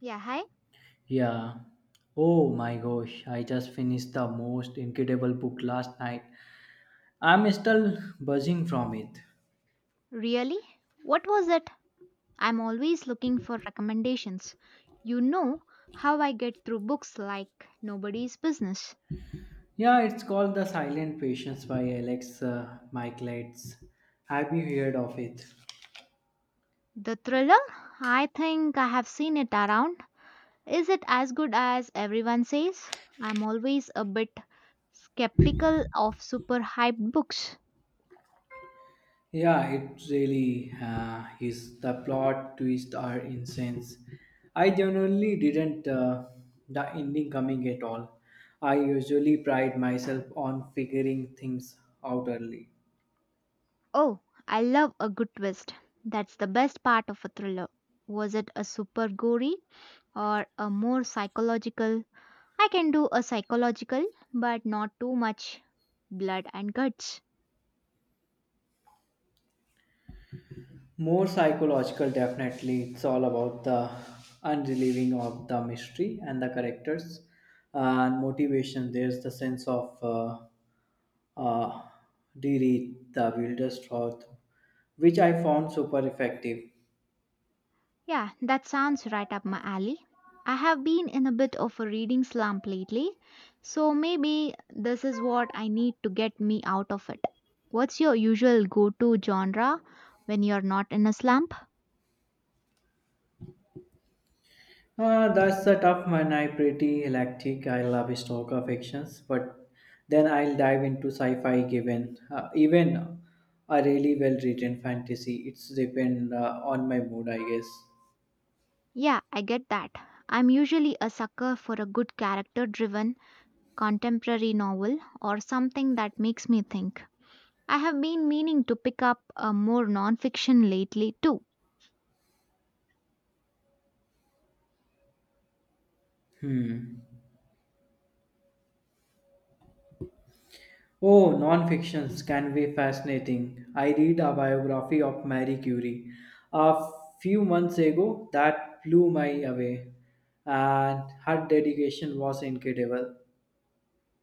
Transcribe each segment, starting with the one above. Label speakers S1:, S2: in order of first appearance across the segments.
S1: Yeah, hi.
S2: Yeah. Oh my gosh, I just finished the most incredible book last night. I'm still buzzing from it.
S1: Really? What was it? I'm always looking for recommendations. You know how I get through books like nobody's business.
S2: Yeah, it's called The Silent Patience by Alex Michaelides. Have you heard of it?
S1: The thriller? I think I have seen it around. Is it as good as everyone says? I'm always a bit skeptical of super hyped books.
S2: Yeah, it really is. The plot twists are insane. I genuinely didn't the ending coming at all. I usually pride myself on figuring things out early.
S1: Oh, I love a good twist. That's the best part of a thriller. Was it a super gory or a more psychological? I can do a psychological, but not too much blood and guts.
S2: More psychological, definitely. It's all about the unrelieving of the mystery and the characters and motivation. There's the sense of uh, Diri, the builder's thought, which I found super effective.
S1: Yeah, that sounds right up my alley. I have been in a bit of a reading slump lately, so maybe this is what I need to get me out of it. What's your usual go to genre when you're not in a slump?
S2: That's the tough one. I pretty eclectic. I love historical fictions, but then I'll dive into sci-fi. Given even a really well-written fantasy, it's depend on my mood, I guess.
S1: Yeah, I get that. I'm usually a sucker for a good character driven contemporary novel or something that makes me think. I have been meaning to pick up more nonfiction lately, too.
S2: Hmm. Oh, non-fictions can be fascinating. I read a biography of Marie Curie a few months ago that blew me away, and her dedication was incredible.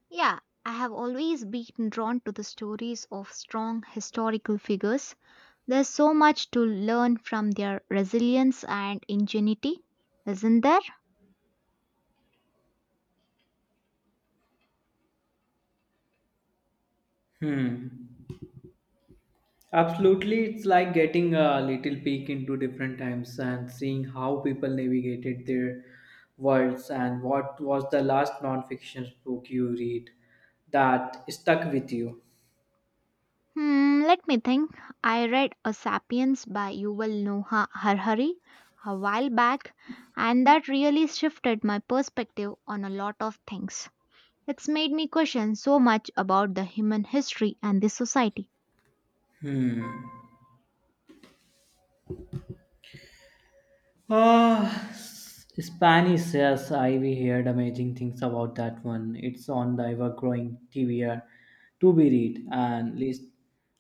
S1: Yeah, I have always been drawn to the stories of strong historical figures. There's so much to learn from their resilience and ingenuity, isn't there?
S2: Hmm. Absolutely, it's like getting a little peek into different times and seeing how people navigated their worlds, and what was the last non-fiction book you read that stuck with you?
S1: Hmm, let me think. I read A Sapiens by Yuval Noah Harari a while back, and that really shifted my perspective on a lot of things. It's made me question so much about the human history and the society.
S2: Ah, Spanish, yes, I we heard amazing things about that one. It's on the ever-growing TBR to be read and list,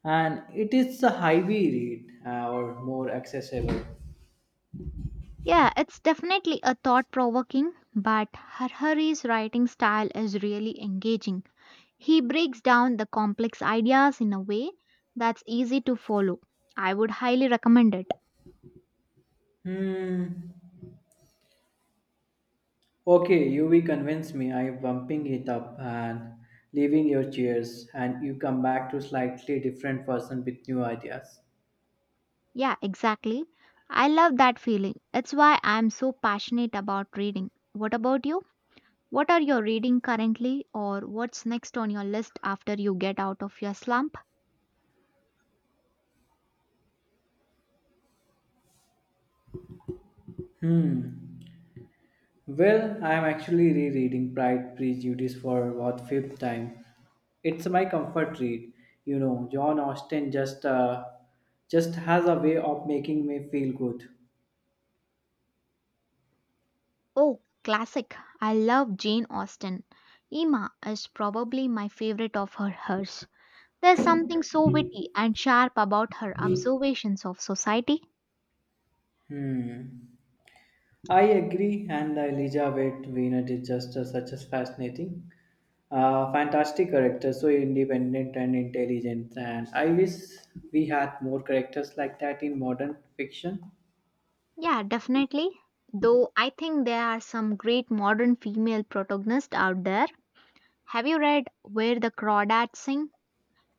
S2: and it is a highly read or more accessible.
S1: Yeah, it's definitely a thought provoking, but Harhari's writing style is really engaging. He breaks down the complex ideas in a way that's easy to follow. I would highly recommend it.
S2: Hmm. Okay, you will convince me. I'm bumping it up and leaving your chairs, and you come back to slightly different person with new ideas.
S1: Yeah, exactly. I love that feeling. It's why I'm so passionate about reading. What about you? What are you reading currently, or what's next on your list after you get out of your slump?
S2: Hmm. Well, I'm actually rereading Pride Prejudice for what fifth time. It's my comfort read. You know, John Austen just has a way of making me feel good.
S1: Oh, classic. I love Jane Austen. Emma is probably my favorite of her hers. There's something so witty and sharp about her observations of society.
S2: Hmm. I agree, and Elizabeth Weiner is just such a fascinating, fantastic character, so independent and intelligent. And I wish we had more characters like that in modern fiction.
S1: Yeah, definitely. Though I think there are some great modern female protagonists out there. Have you read Where the Crawdads Sing?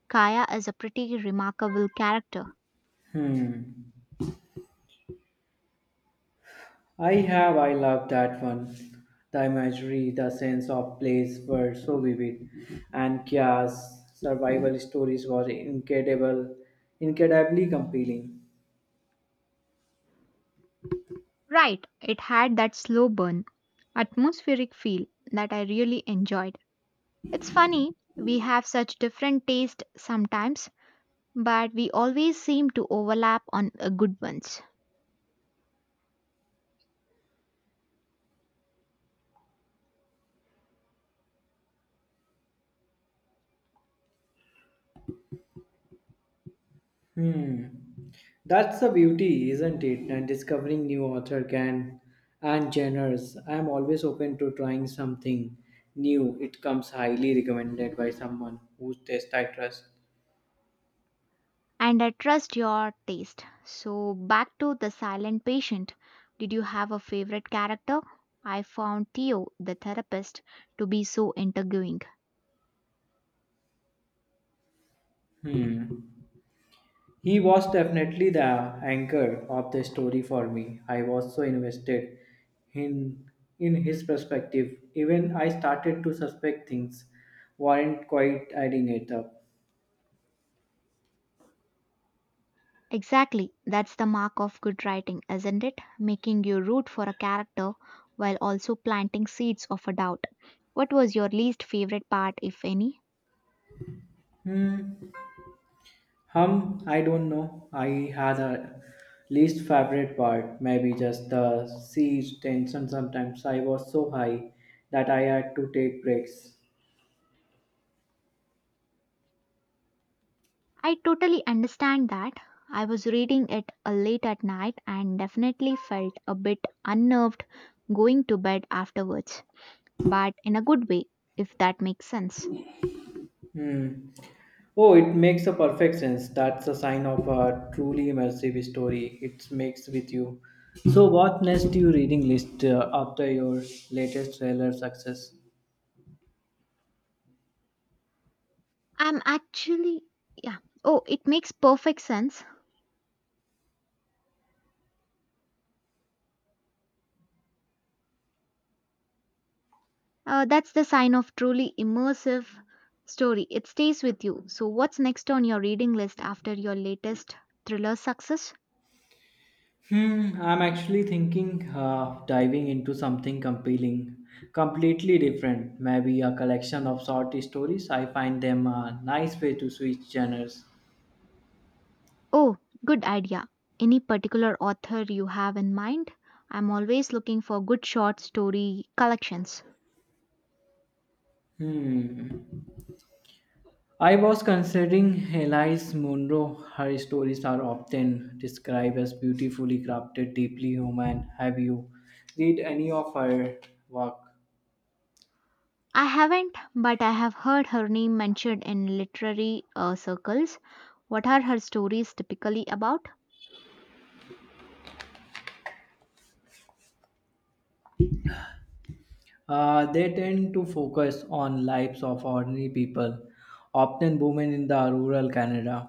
S1: Kaya is a pretty remarkable character.
S2: Hmm. I have, I love that one. The imagery, the sense of place were so vivid, and Kia's survival stories were incredible, incredibly compelling.
S1: Right, it had that slow burn, atmospheric feel that I really enjoyed. It's funny, we have such different tastes sometimes, but we always seem to overlap on good ones.
S2: Hmm. That's the beauty, isn't it? And discovering new author can and genres. I am always open to trying something new. It comes highly recommended by someone whose taste I trust.
S1: And I trust your taste. So, back to The Silent Patient. Did you have a favorite character? I found Theo, the therapist, to be so intriguing.
S2: Hmm. He was definitely the anchor of the story for me. I was so invested in in his perspective. Even I started to suspect things weren't quite adding it up.
S1: Exactly, that's the mark of good writing, isn't it? Making you root for a character while also planting seeds of a doubt. What was your least favorite part, if any?
S2: Hmm. Hum, I don't know. I had a least favorite part, maybe just the siege tension sometimes. I was so high that I had to take breaks.
S1: I totally understand that. I was reading it late at night and definitely felt a bit unnerved going to bed afterwards, but in a good way, if that makes sense.
S2: Hmm. Oh, it makes a perfect sense. That's a sign of a truly immersive story. It makes with you. So, what next to your reading list after your latest trailer success?
S1: I'm actually, yeah. Oh, it makes perfect sense. That's the sign of truly immersive story. It stays with you. So, what's next on your reading list after your latest thriller success?
S2: Hmm, I'm actually thinking diving into something compelling, completely different. Maybe a collection of short stories. I find them a nice way to switch genres.
S1: Oh, good idea. Any particular author you have in mind? I'm always looking for good short story collections.
S2: Hmm. I was considering Elise Monroe. Her stories are often described as beautifully crafted, deeply human. Have you read any of her work?
S1: I haven't, but I have heard her name mentioned in literary circles. What are her stories typically about?
S2: They tend to focus on lives of ordinary people, often women in the rural Canada,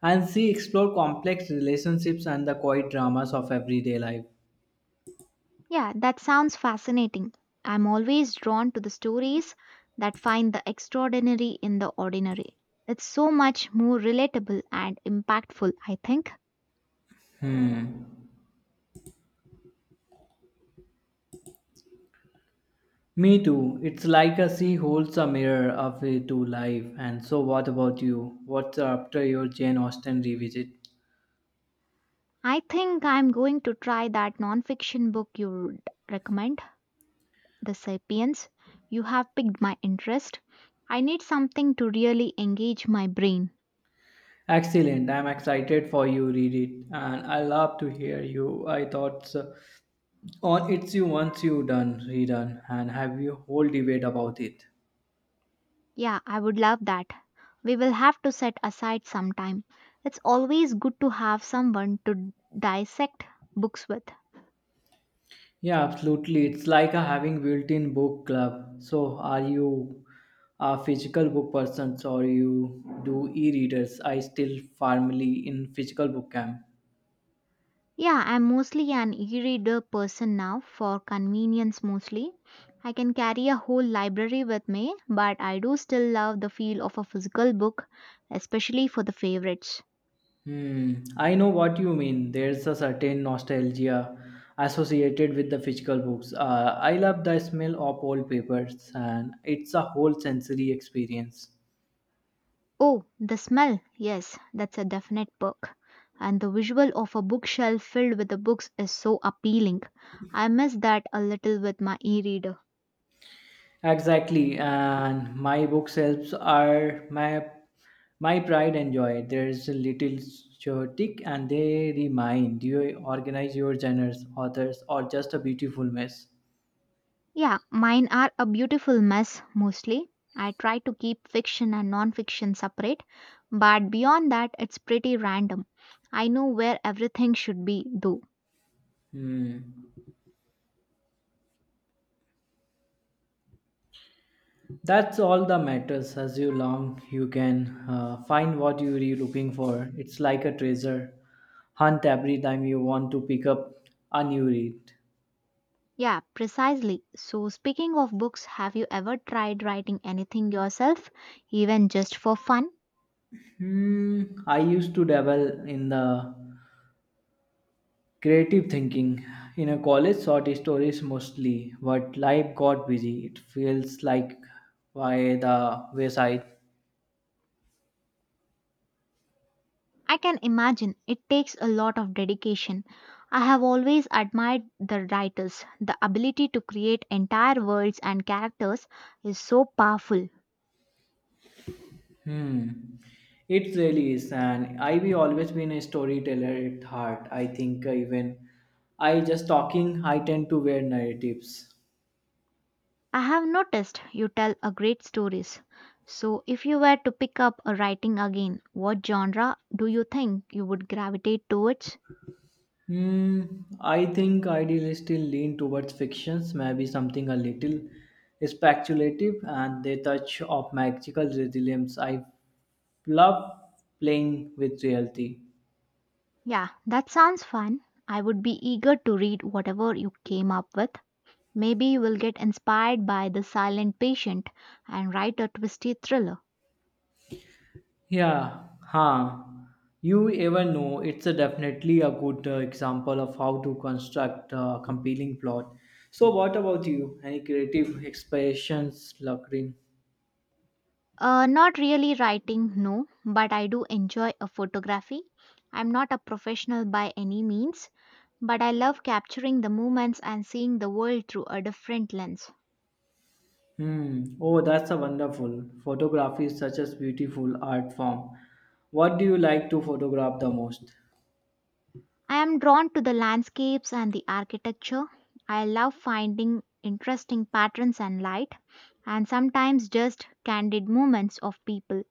S2: and she explore complex relationships and the quiet dramas of everyday life.
S1: Yeah, that sounds fascinating. I'm always drawn to the stories that find the extraordinary in the ordinary. It's so much more relatable and impactful, I think.
S2: Me too. It's like a sea holds a mirror up to life. And so, what about you? What's up to your Jane Austen revisit?
S1: I think I'm going to try that nonfiction book you would recommend, The Sapiens. You have piqued my interest. I need something to really engage my brain.
S2: Excellent. I'm excited for you read it, and I love to hear you. I thoughts on it's you once you done redone and have you whole debate about it.
S1: Yeah, I would love that. We will have to set aside some time. It's always good to have someone to dissect books with.
S2: Yeah, absolutely. It's like a having built-in book club. So, are you a physical book person or you do e-readers? I still firmly in physical book camp.
S1: Yeah, I'm mostly an e reader person now for convenience mostly. I can carry a whole library with me, but I do still love the feel of a physical book, especially for the favorites.
S2: Hmm, I know what you mean. There's a certain nostalgia associated with the physical books. I love the smell of old papers, and it's a whole sensory experience.
S1: Oh, the smell. Yes, that's a definite perk. And the visual of a bookshelf filled with the books is so appealing. I miss that a little with my e reader.
S2: Exactly, and my bookshelves are my pride and joy. There's a little chaotic, and they remind you organize your genres, authors, or just a beautiful mess.
S1: Yeah, mine are a beautiful mess mostly. I try to keep fiction and non-fiction separate, but beyond that, it's pretty random. I know where everything should be, though.
S2: Hmm. That's all that matters. As you long, you can find what you're looking for. It's like a treasure hunt every time you want to pick up a new read.
S1: Yeah, precisely. So, speaking of books, have you ever tried writing anything yourself, even just for fun?
S2: Hmm, I used to dabble in the creative thinking in a college short stories mostly, but life got busy. It feels like by the wayside.
S1: I can imagine it takes a lot of dedication. I have always admired the writers. The ability to create entire worlds and characters is so powerful.
S2: Hmm. It really is, and I've always been a storyteller at heart. I think even I just talking, I tend to wear narratives.
S1: I have noticed you tell a great stories. So if you were to pick up a writing again, what genre do you think you would gravitate towards?
S2: Hmm. I think ideally still lean towards fictions, maybe something a little speculative, and they touch of magical resilience. I love playing with reality.
S1: Yeah, that sounds fun. I would be eager to read whatever you came up with. Maybe you will get inspired by The Silent Patient and write a twisty thriller.
S2: Yeah, huh. You ever know it's a definitely a good example of how to construct a compelling plot. So, what about you? Any creative expressions, Lakrin?
S1: Not really writing, no, but I do enjoy a photography. I'm not a professional by any means, but I love capturing the moments and seeing the world through a different lens.
S2: Hmm. Oh, that's a wonderful. Photography is such a beautiful art form. What do you like to photograph the most?
S1: I am drawn to the landscapes and the architecture. I love finding interesting patterns and light, and sometimes just candid moments of people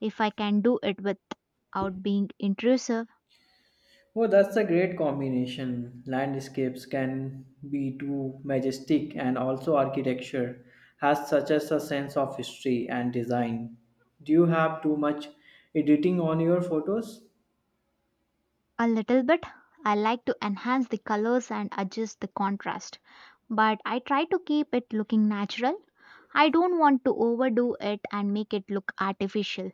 S1: if I can do it without being intrusive
S2: Oh, that's a great combination. Landscapes can be too majestic, and also architecture has such as a sense of history and design. Do you have too much editing on your photos?
S1: a little bit. I like to enhance the colors and adjust the contrast, but I try to keep it looking natural. I don't want to overdo it and make it look artificial.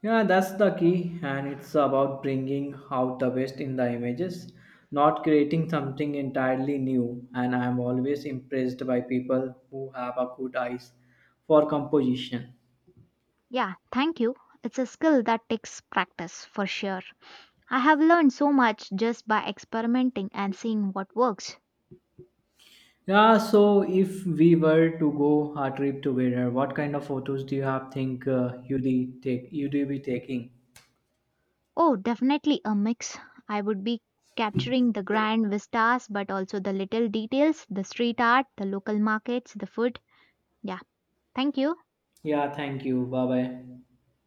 S2: Yeah, that's the key, and it's about bringing out the best in the images, not creating something entirely new. And I'm always impressed by people who have a good eyes for composition.
S1: Yeah, thank you. It's a skill that takes practice for sure. I have learned so much just by experimenting and seeing what works.
S2: Yeah, so if we were to go a trip together, what kind of photos do you have think you'd be taking?
S1: Oh, definitely a mix. I would be capturing the grand vistas but also the little details, the street art, the local markets, the food. Yeah, thank you.
S2: Yeah, thank you. Bye bye.